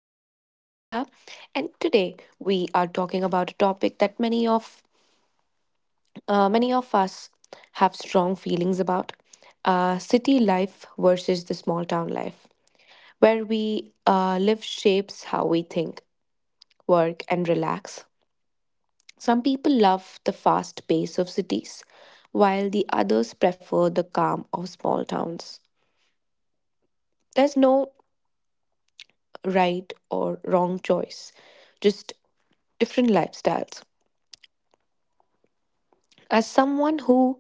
back to Mazia, and today we are talking about a topic that many of us have strong feelings about: city life versus the small town life, where we live shapes how we think, work, and relax. Some people love the fast pace of cities, while the others prefer the calm of small towns. There's no right or wrong choice, just different lifestyles. As someone who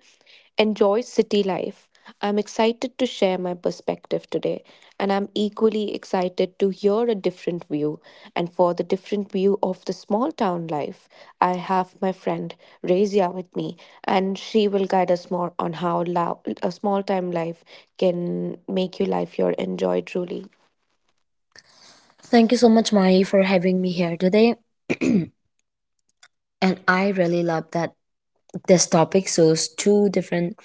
enjoys city life, I'm excited to share my perspective today, and I'm equally excited to hear a different view. And for the different view of the small town life, I have my friend Razia with me, and she will guide us more on how a small town life can make your life your enjoy truly. Thank you so much, Mari, for having me here today. And I really love that this topic shows two different,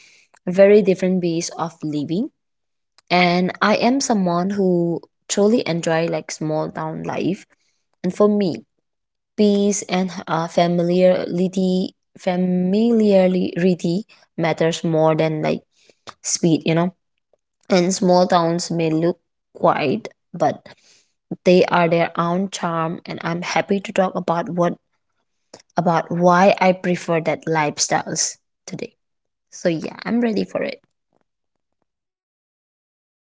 very different ways of living. And I am someone who truly enjoy like small town life. And for me, peace and familiarity matters more than like speed, you know. And small towns may look quiet, but they are their own charm, and I'm happy to talk about what about why I prefer that lifestyles today. So yeah, I'm ready for it.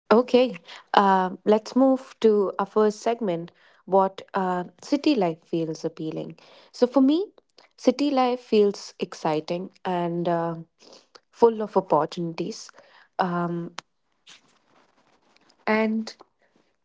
Okay, let's move to our first segment what city life feels appealing. So, for me, city life feels exciting and full of opportunities. Um, and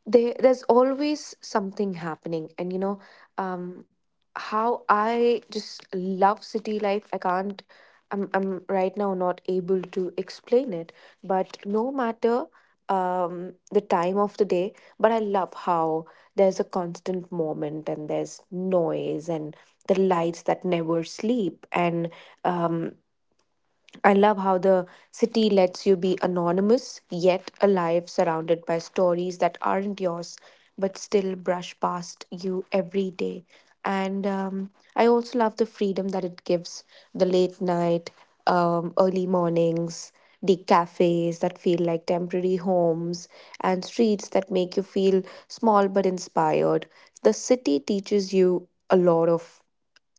they there's always something happening, and you know um how I just love city life, I can't, I'm right now not able to explain it. But no matter the time of the day, but I love how there's a constant moment, and there's noise and the lights that never sleep. And um I love how the city lets you be anonymous yet alive, surrounded by stories that aren't yours but still brush past you every day. And I also love the freedom that it gives: the late night, early mornings, the cafes that feel like temporary homes, and streets that make you feel small but inspired. The city teaches you a lot of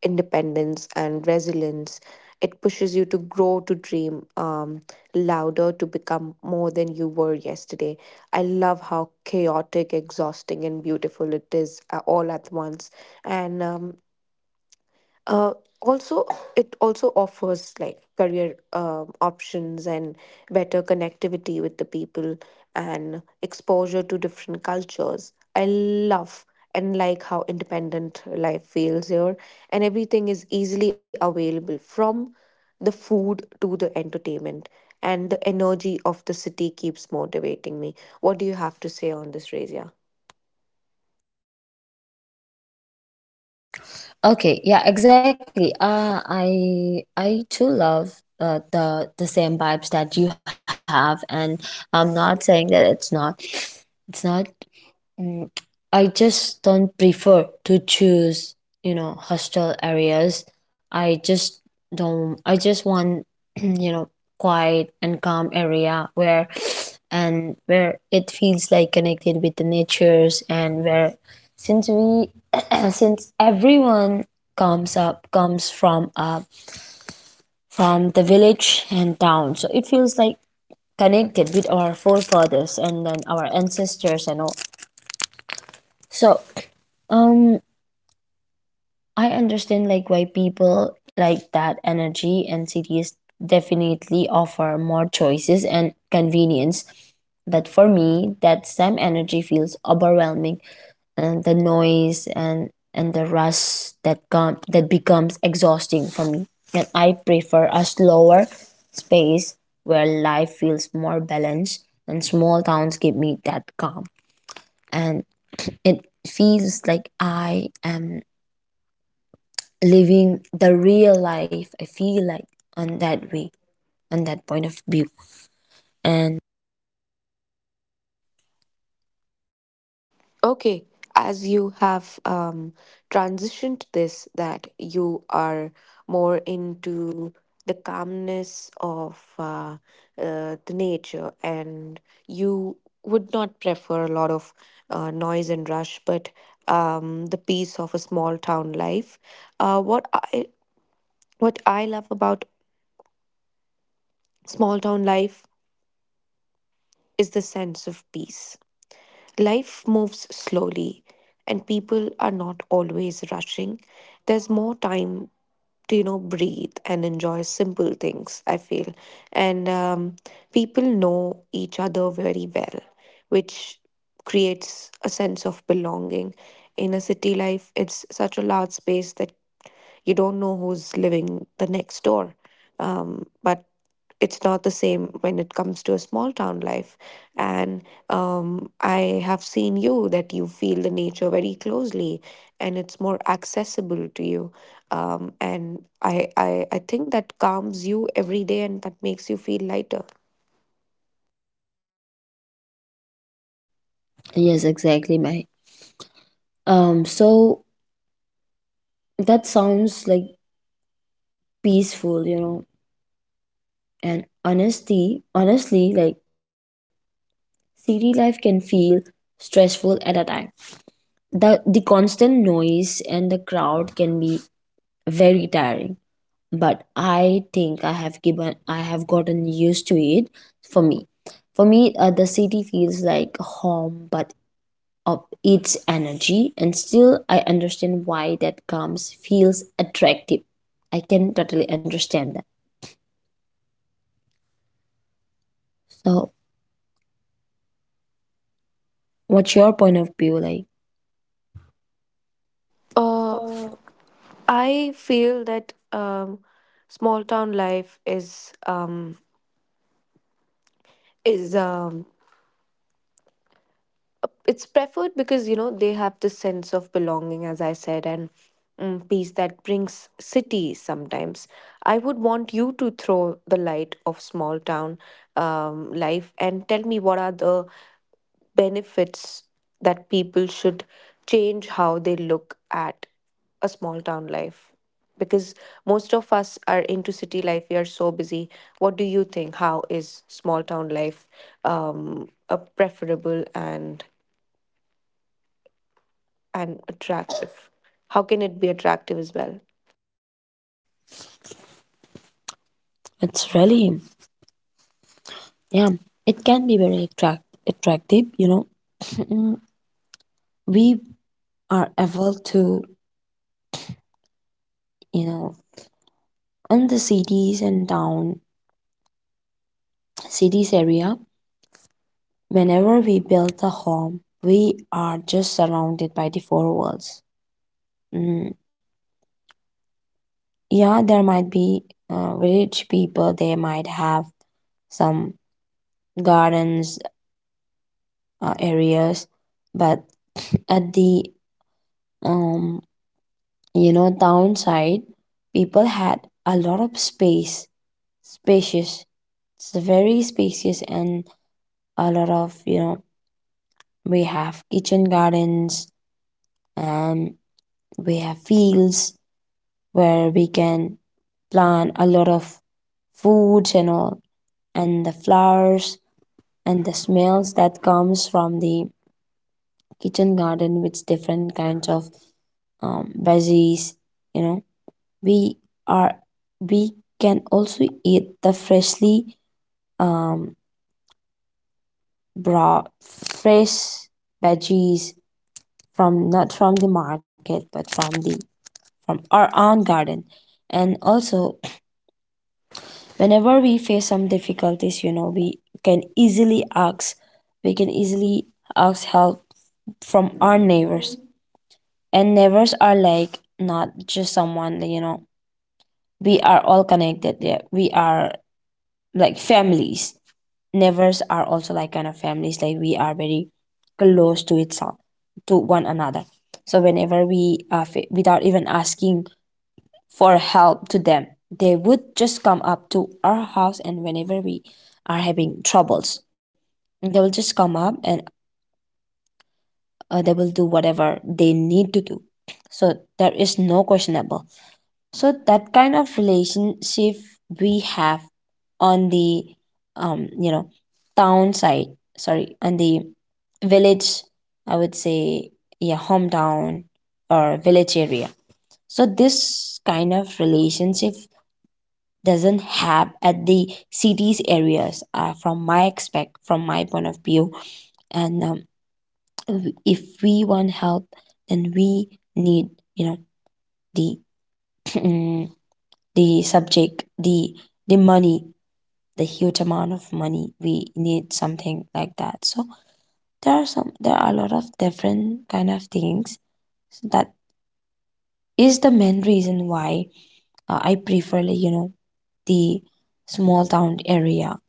independence and resilience. It pushes you to grow, to dream louder, to become more than you were yesterday. I love how chaotic, exhausting, and beautiful it is all at once. And uh, also it also offers like career options and better connectivity with the people and exposure to different cultures, I love. And like how independent life feels here, and everything is easily available from the food to the entertainment, and the energy of the city keeps motivating me. What do you have to say on this, Razia? Okay, yeah, exactly. I too love the same vibes that you have, and I'm not saying that it's not, it's not. Mm, I just don't prefer to choose, you know, hostile areas. I just don't, I just want, you know, quiet and calm area where and where it feels like connected with the natures. And where since we since everyone comes from up from the village and town, so it feels like connected with our forefathers and then our ancestors and all. So, um, I understand like why people like that energy, and cities definitely offer more choices and convenience. But for me, that same energy feels overwhelming, and the noise and the rush that becomes exhausting for me. And I prefer a slower space where life feels more balanced, and small towns give me that calm. And it feels like I am living the real life, I feel like, on that way, on that point of view. And Okay, as you have transitioned this, that you are more into the calmness of the nature, and you would not prefer a lot of noise and rush, but the peace of a small town life. Uh, what I what I love about small town life is the sense of peace. Life moves slowly, and people are not always rushing. There's more time to, you know, breathe and enjoy simple things, I feel. And people know each other very well, which creates a sense of belonging. In a city life, it's such a large space that you don't know who's living the next door, but it's not the same when it comes to a small town life. And I have seen you that you feel the nature very closely, and it's more accessible to you. And I think that calms you every day and that makes you feel lighter. yes, exactly my, um, so that sounds like peaceful, you know. And honesty honestly like city life can feel stressful at a time. The constant noise and the crowd can be very tiring, but I think I have gotten used to it. For me for me uh, the city feels like home but of its energy, and still I understand why that comes feels attractive. I can totally understand that. So what's your point of view like? Uh, Uh, I feel that small town life is it's preferred because, you know, they have this sense of belonging, as I said, and peace that brings cities sometimes. I would want you to throw the light of small town life and tell me what are the benefits, that people should change how they look at a small town life. Because most of us are into city life, we are so busy. What do you think, how is small town life a preferable and attractive. How can it be attractive as well? It's really, yeah, it can be very attractive, you know. We are able to, you know, in the cities and town cities area, whenever we build a home, we are just surrounded by the four walls. Mm, yeah, there might be, village people, they might have some gardens, areas, but at the, um, you know, downside, people had a lot of space, spacious. It's very spacious, and a lot of, you know, we have kitchen gardens, and we have fields where we can plant a lot of foods and all, and the flowers, and the smells that comes from the kitchen garden with different kinds of, veggies, you know. We are we can also eat the freshly, um, brought fresh veggies, from not from the market but from the from our own garden. And also whenever we face some difficulties, you know, can easily ask we can easily ask help from our neighbors. And neighbors are like not just someone, you know, we are all connected there. We are like families. Neighbors are also like kind of families, like we are very close to to one another. So whenever we are without even asking for help to them, they would just come up to our house. And whenever we are having troubles, they will just come up, and, they will do whatever they need to do. So there is no questionable. So that kind of relationship we have on the, um, you know, town side, sorry, on the village, I would say, yeah, hometown or village area. So this kind of relationship doesn't have at the cities areas, from my point of view. And, if we want help then we need, you know, the the subject, the money, the huge amount of money. We need something like that. So there are a lot of different kind of things. So that is the main reason why, I prefer like, you know, the small town area.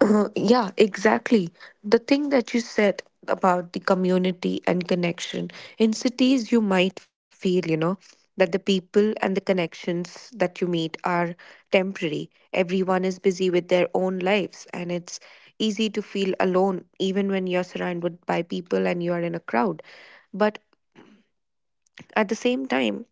Yeah, exactly. The thing that you said about the community and connection: in cities, you might feel, you know, that the people and the connections that you meet are temporary. Everyone is busy with their own lives, and it's easy to feel alone even when you're surrounded by people and you are in a crowd. But at the same time,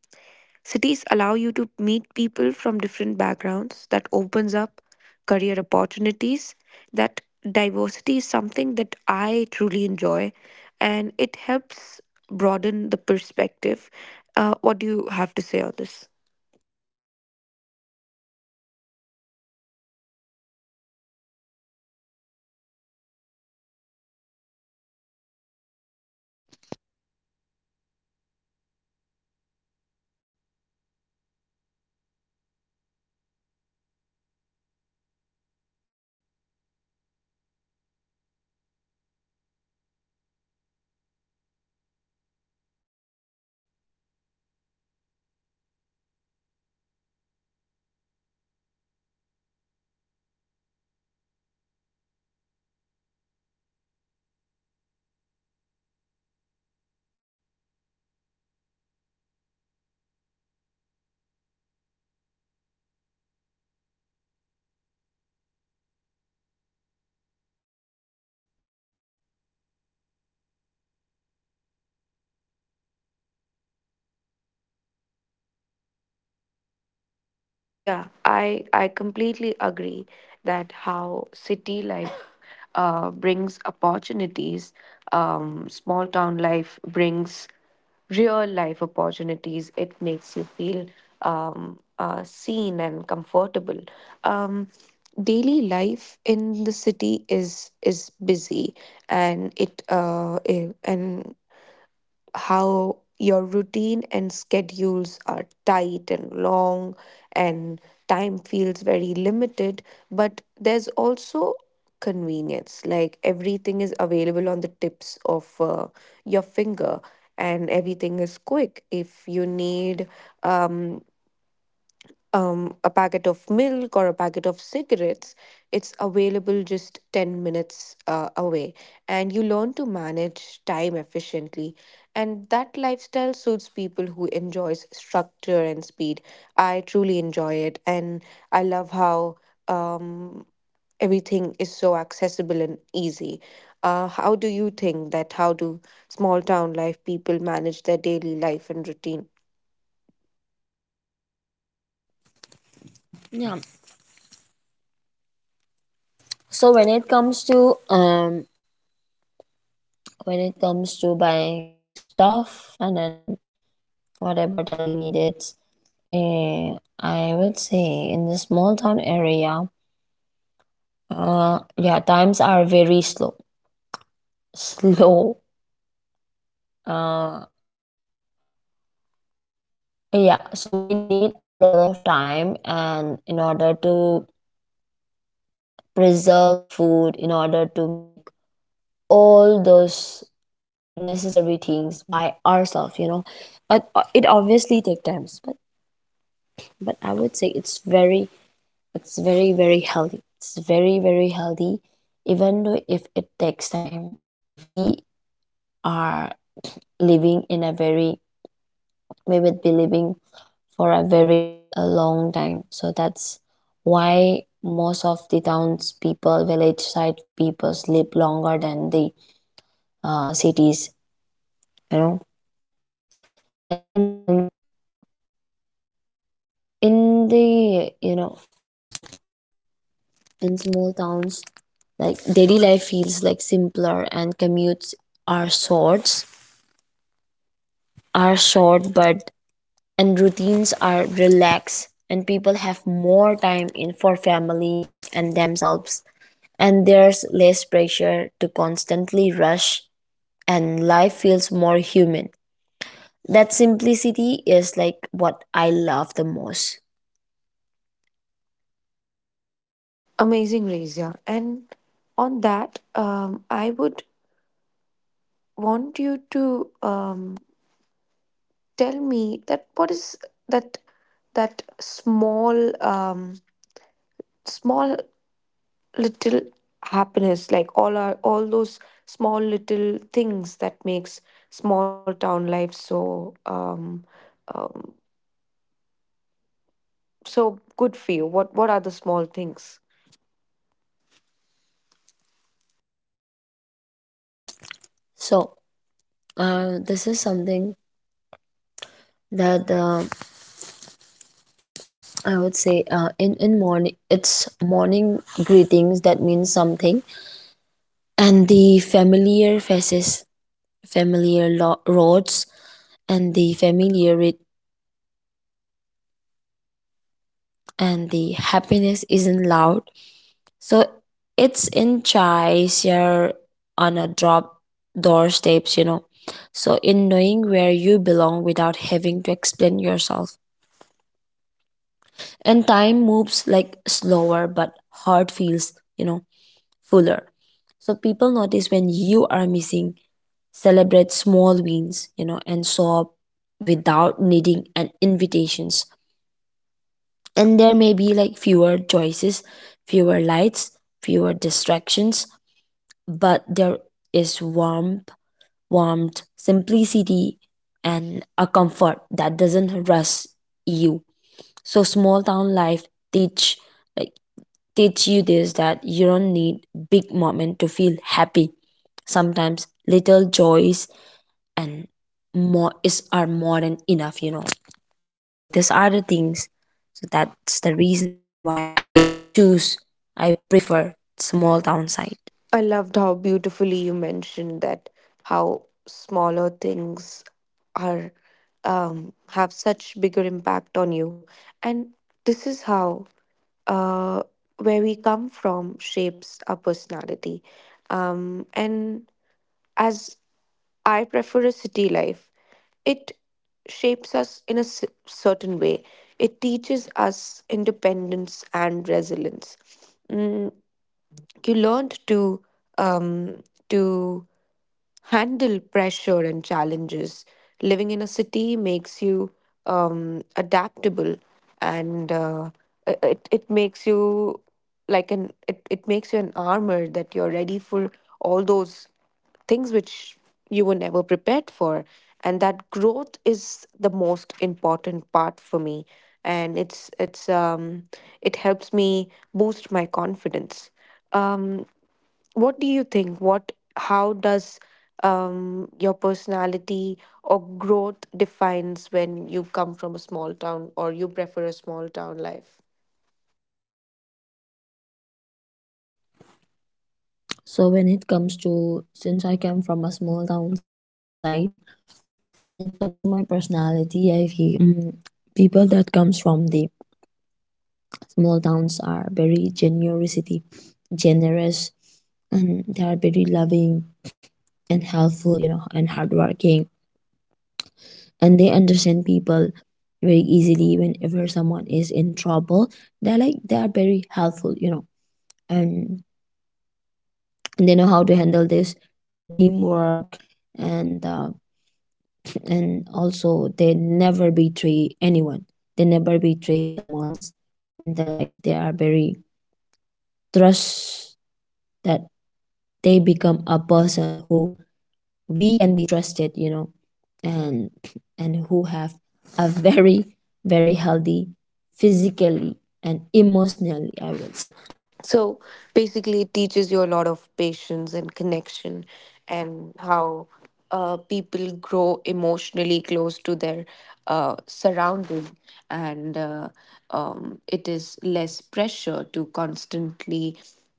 cities allow you to meet people from different backgrounds that opens up career opportunities. That diversity is something that I truly enjoy, and it helps broaden the perspective. What do you have to say on this? Exactly, that is also very, agreeing. Oh, and also, like small towns are very different in a in that way. So people know each other and look out for one another, and there is a very strong sense of community. Like even small interactions feels meaningful, you know, and you feel seen and recognized. That emotional connections makes a big difference in daily life, and every day. So that is the reason why I'm telling, I have as I mentioned you before, like it feels like, you know, like a family. The whole towns feel like a family, not just a stranger living next to each other, but like a family that builds up a community together, you know. Yeah, I completely agree that how city life brings opportunities, small town life brings real life opportunities. It makes you feel seen and comfortable. Um, daily life in the city is busy, and it eh, and how your routine and schedules are tight and long, and time feels very limited. But there's also convenience, like everything is available on the tips of your finger, and everything is quick. If you need um a packet of milk or a packet of cigarettes, it's available just 10 minutes away. And you learn to manage time efficiently. And that lifestyle suits people who enjoys structure and speed. I truly enjoy it. And I love how um, everything is so accessible and easy. How do you think that how do small town life people manage their daily life and routine? Yeah, so when it comes to, um, when it comes to buying stuff and then whatever daily needs, eh, I would say in the small town area, uh, yeah, times are very slow uh, yeah. So we need a lot of time, and in order to preserve food, in order to make all those necessary things by ourselves, you know. But, it obviously take times, but I would say it's very, it's very very healthy, even though if it takes time. We are living in a very we would be living for a very, long time. So that's why most of the towns people, village side people sleep longer than the, cities, you know. And, in the, you know, like in small towns, like daily life feels like simpler, and commutes are short, are short, but and routines are relaxed, and people have more time in for family and themselves. And there's less pressure to constantly rush, and life feels more human. That simplicity is like what I love the most. Amazing, Razia. And on that, I would want you to tell me that what is that that small um, small little happiness, like all those small little things that makes small town life so um, so good for you. What are the small things? So, this is something that, I would say, in morning, it's morning greetings that means something, and the familiar faces, roads, and the and the happiness isn't loud. So it's in Chai here on a drop door steps, you know. So in knowing where you belong without having to explain yourself. And time moves like slower, but heart feels, you know, fuller. So people notice when you are missing, celebrate small wins, you know, and show up without needing an invitations. And there may be like fewer choices, fewer lights, fewer distractions, but there is warmth, simplicity, and a comfort that doesn't rush you. So small town life teach like teach you this, that you don't need big moment to feel happy. Sometimes little joys and more is are more than enough, you know. So these are the things. So that's the reason why I prefer small town side. I loved how beautifully you mentioned that how smaller things are have such bigger impact on you, and this is how uh, where we come from shapes our personality. And as I prefer a city life, it shapes us in a certain way. It teaches us independence and resilience. Mm, you learned to um, to handle pressure and challenges. Living in a city makes you adaptable, and it it makes you it makes you an armor that you're ready for all those things which you were never prepared for. And that growth is the most important part for me, and it's it helps me boost my confidence. Um what do you think what how does your personality or growth defines when you come from a small town or you prefer a small town life? So when it comes to, since I come from a small town side, when it comes to my personality, I feel, mm, people that comes from the small towns are very generous, and they are very loving and helpful, you know, and hardworking. And they understand people very easily. Whenever someone is in trouble, they are very helpful, you know. And they know how to handle this, the teamwork, and, and also they never betray anyone. They never betray someone's in their life They are very trust, that they become a person who we can be trusted, you know. and and who have a very very healthy, physically and emotionally, I would say. So basically it teaches you a lot of patience and connection, and how people grow emotionally close to their surrounding. And it is less pressure to constantly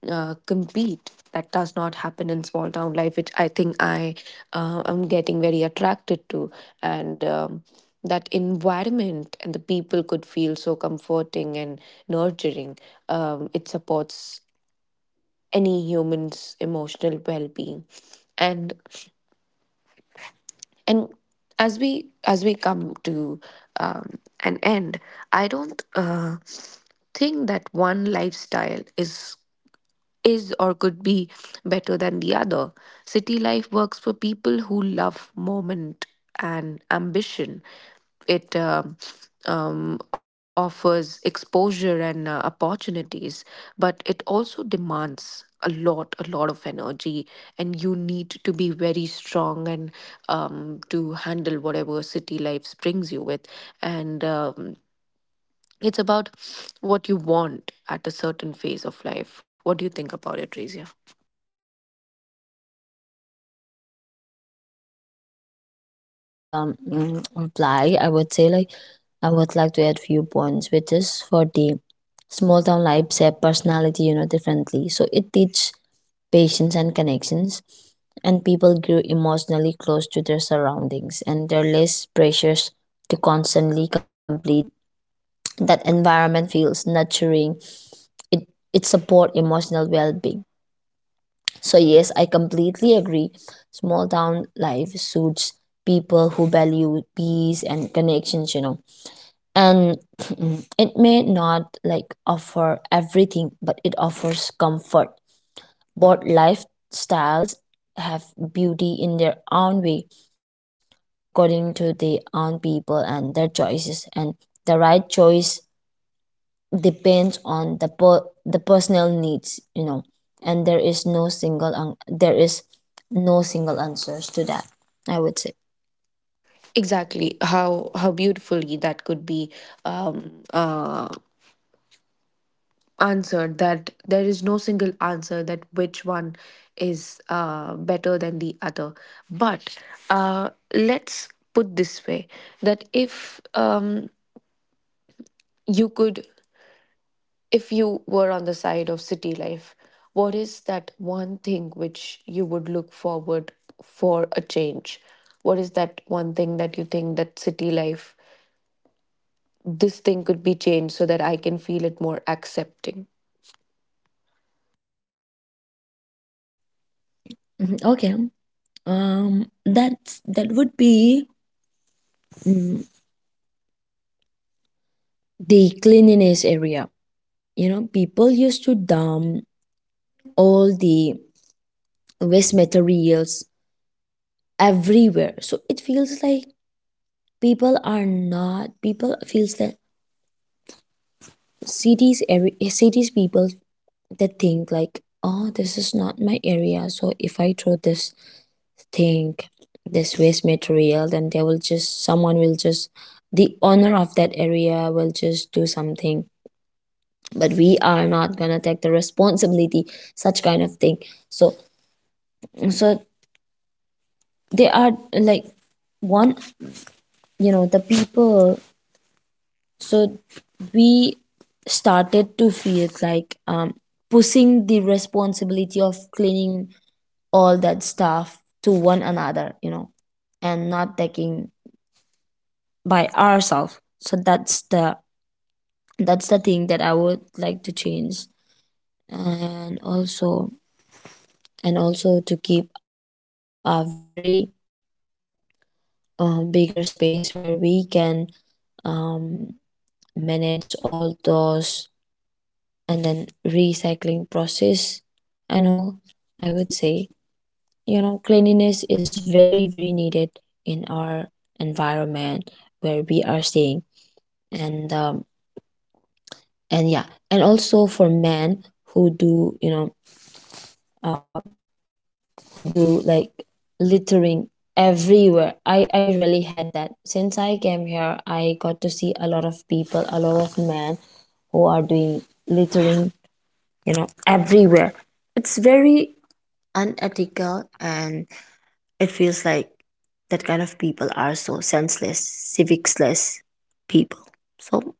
compete, that does not happen in small town life, which I think I am getting very attracted to. And that environment and the people could feel so comforting and nurturing. It supports any human's emotional well-being. And and as we as we come to an end, I don't think that one lifestyle is or could be better than the other. City life works for people who love moment and ambition. It offers exposure and opportunities, but it also demands a lot of energy, and you need to be very strong and to handle whatever city life brings you with. And it's about what you want at a certain phase of life. What do you think about it, Rizia? So before coming to that, mm, reply, I would say like I would like to add few points, which is for the small town life shape personality, you know, differently. So it teach patience and connections. And people grew emotionally close to their surroundings, and they're less pressures to constantly complete. That environment feels nurturing. It it support emotional well being. So, yes, I completely agree. Small town life suits people who value peace and connections, you know. And it may not like offer everything, but it offers comfort. Both lifestyles have beauty in their own way, according to their own people and their choices. And the right choice depends on the the personal needs, you know. And there is no single an- there is no single answers to that, I would say. Exactly, how beautifully that could be um uh answered, that there is no single answer that which one is better than the other. But let's put this way, that if you could, if you were on the side of city life, what is that one thing which you would look forward for a change? What is that one thing that you think that city life, this thing could be changed so that I can feel it more accepting. Mhm, okay, um, that's that would be, mm, the cleanliness area, you know. People used to dump all the waste materials everywhere, so it feels like people are not, people feels that cities, every cities people, they think like, oh, this is not my area, so if I throw this thing, this waste material, then they will just, someone will just, the owner of that area will just do something, but we are not gonna take the responsibility, such kind of thing. So so they are like one, you know, the people. So we started to feel like, um, pushing the responsibility of cleaning all that stuff to one another, you know, and not taking by ourselves. So that's the thing that I would like to change. And also, and also to keep a very, bigger space where we can, um, manage all those and then recycling process and all, I would say. You know, cleanliness is very very needed in our environment, where we are staying. And, um, and yeah, and also for men who do, you know, who do like littering everywhere. I really had that. Since I came here, I got to see a lot of people, a lot of men who are doing littering, you know, everywhere. It's very unethical, and it feels like that kind of people are so senseless, civicsless people. So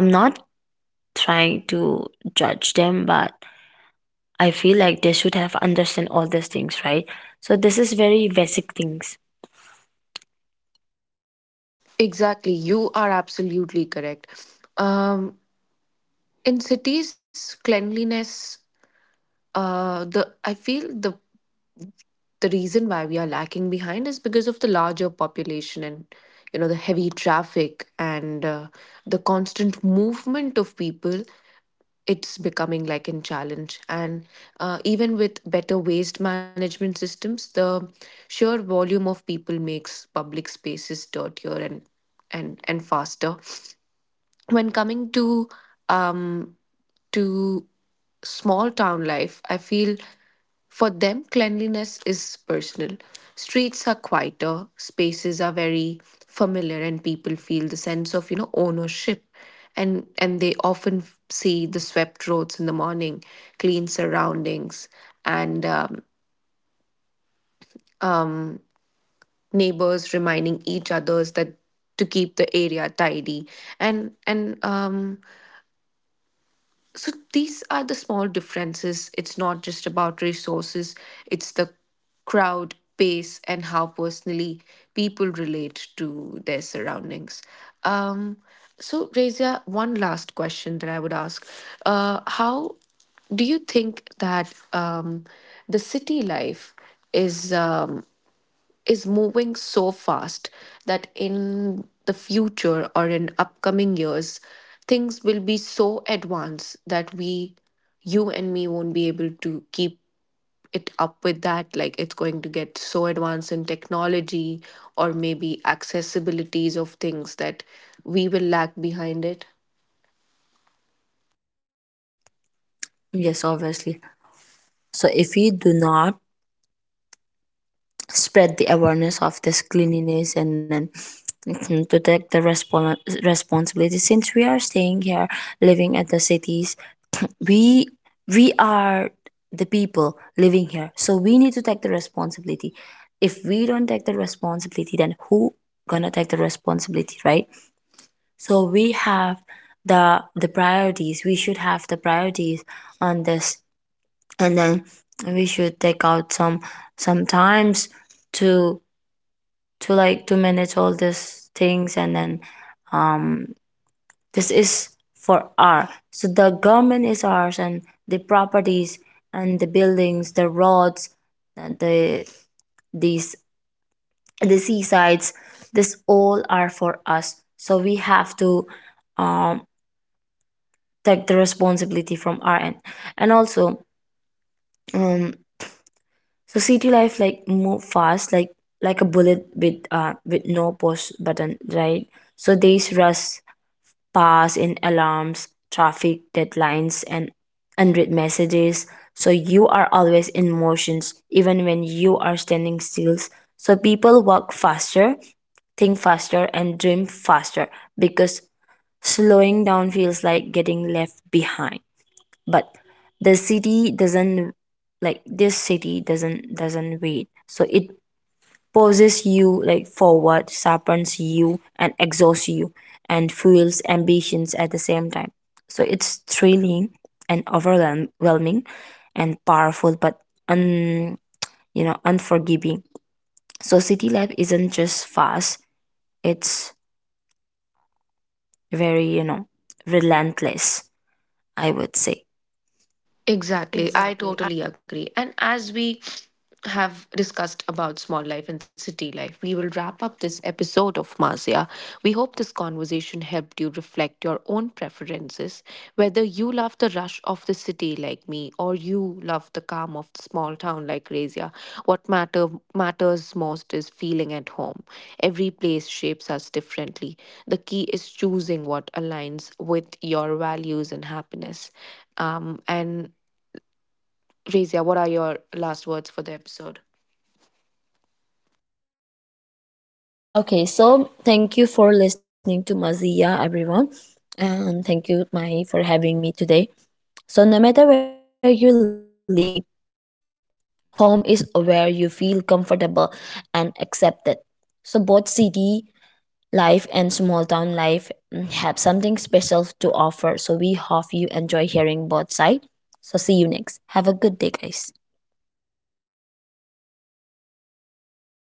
I'm not trying to judge them, but I feel like they should have understand all these things, right? So this is very basic things. Exactly. You are absolutely correct. Um, in cities, cleanliness, the I feel the reason why we are lacking behind is because of the larger population, and you know the heavy traffic and the constant movement of people, it's becoming like a challenge. And even with better waste management systems, the sheer volume of people makes public spaces dirtier and faster. When coming to um, to small town life, I feel for them cleanliness is personal. Streets are quieter, spaces are very familiar, and people feel the sense of, you know, ownership. And they often see the swept roads in the morning, clean surroundings, and neighbors reminding each others that to keep the area tidy. And so these are the small differences. It's not just about resources, it's the crowd pace and how personally people relate to their surroundings. um, so Razia, one last question that I would ask: how do you think that the city life is um, is moving so fast that in the future or in upcoming years, things will be so advanced that we, you and me, won't be able to keep it up with that. Like it's going to get so advanced in technology, or maybe accessibilities of things, that we will lag behind it. Yes, obviously. So if we do not spread the awareness of this cleanliness and then, mhm, to take the responsibility. Since we are staying here, living at the cities, we we are the people living here, so we need to take the responsibility. If we don't take the responsibility, then who gonna take the responsibility, right? So we have the priorities. We should have the priorities on this. And then we should take out some times to to like, to manage all these things. And then this is for our, so the government is ours, and the properties and the buildings, the roads, and the these, the seasides, this all are for us. So we have to, um, take the responsibility from our end. And also, um, so city life like move fast like a bullet with, uh, with no push button, right? So days rush, pass in alarms, traffic, deadlines, and unread messages. So you are always in motions, even when you are standing still. So people walk faster, think faster, and dream faster, because slowing down feels like getting left behind. But the city doesn't, like this city doesn't wait. So it poses you like forward, sharpens you and exhausts you, and fuels ambitions at the same time. So it's thrilling and overwhelming and powerful, but un, you know, unforgiving. So city life isn't just fast, it's very, you know, relentless, I would say. Exactly. I Exactly. totally agree. And as we have discussed about small life and city life, we will wrap up this episode of Mazia. We hope this conversation helped you reflect your own preferences, whether you love the rush of the city like me, or you love the calm of the small town like Razia. What matters most is feeling at home. Every place shapes us differently. The key is choosing what aligns with your values and happiness. And Razia, what are your last words for the episode? Okay, so thank you for listening to Mazia, everyone. And thank you, Mahi, for having me today. So, no matter where you live, home is where you feel comfortable and accepted. So, both city life and small town life, mm, have something special to offer. So, we hope you enjoy hearing both sides. So, see you next. Have a good day, guys.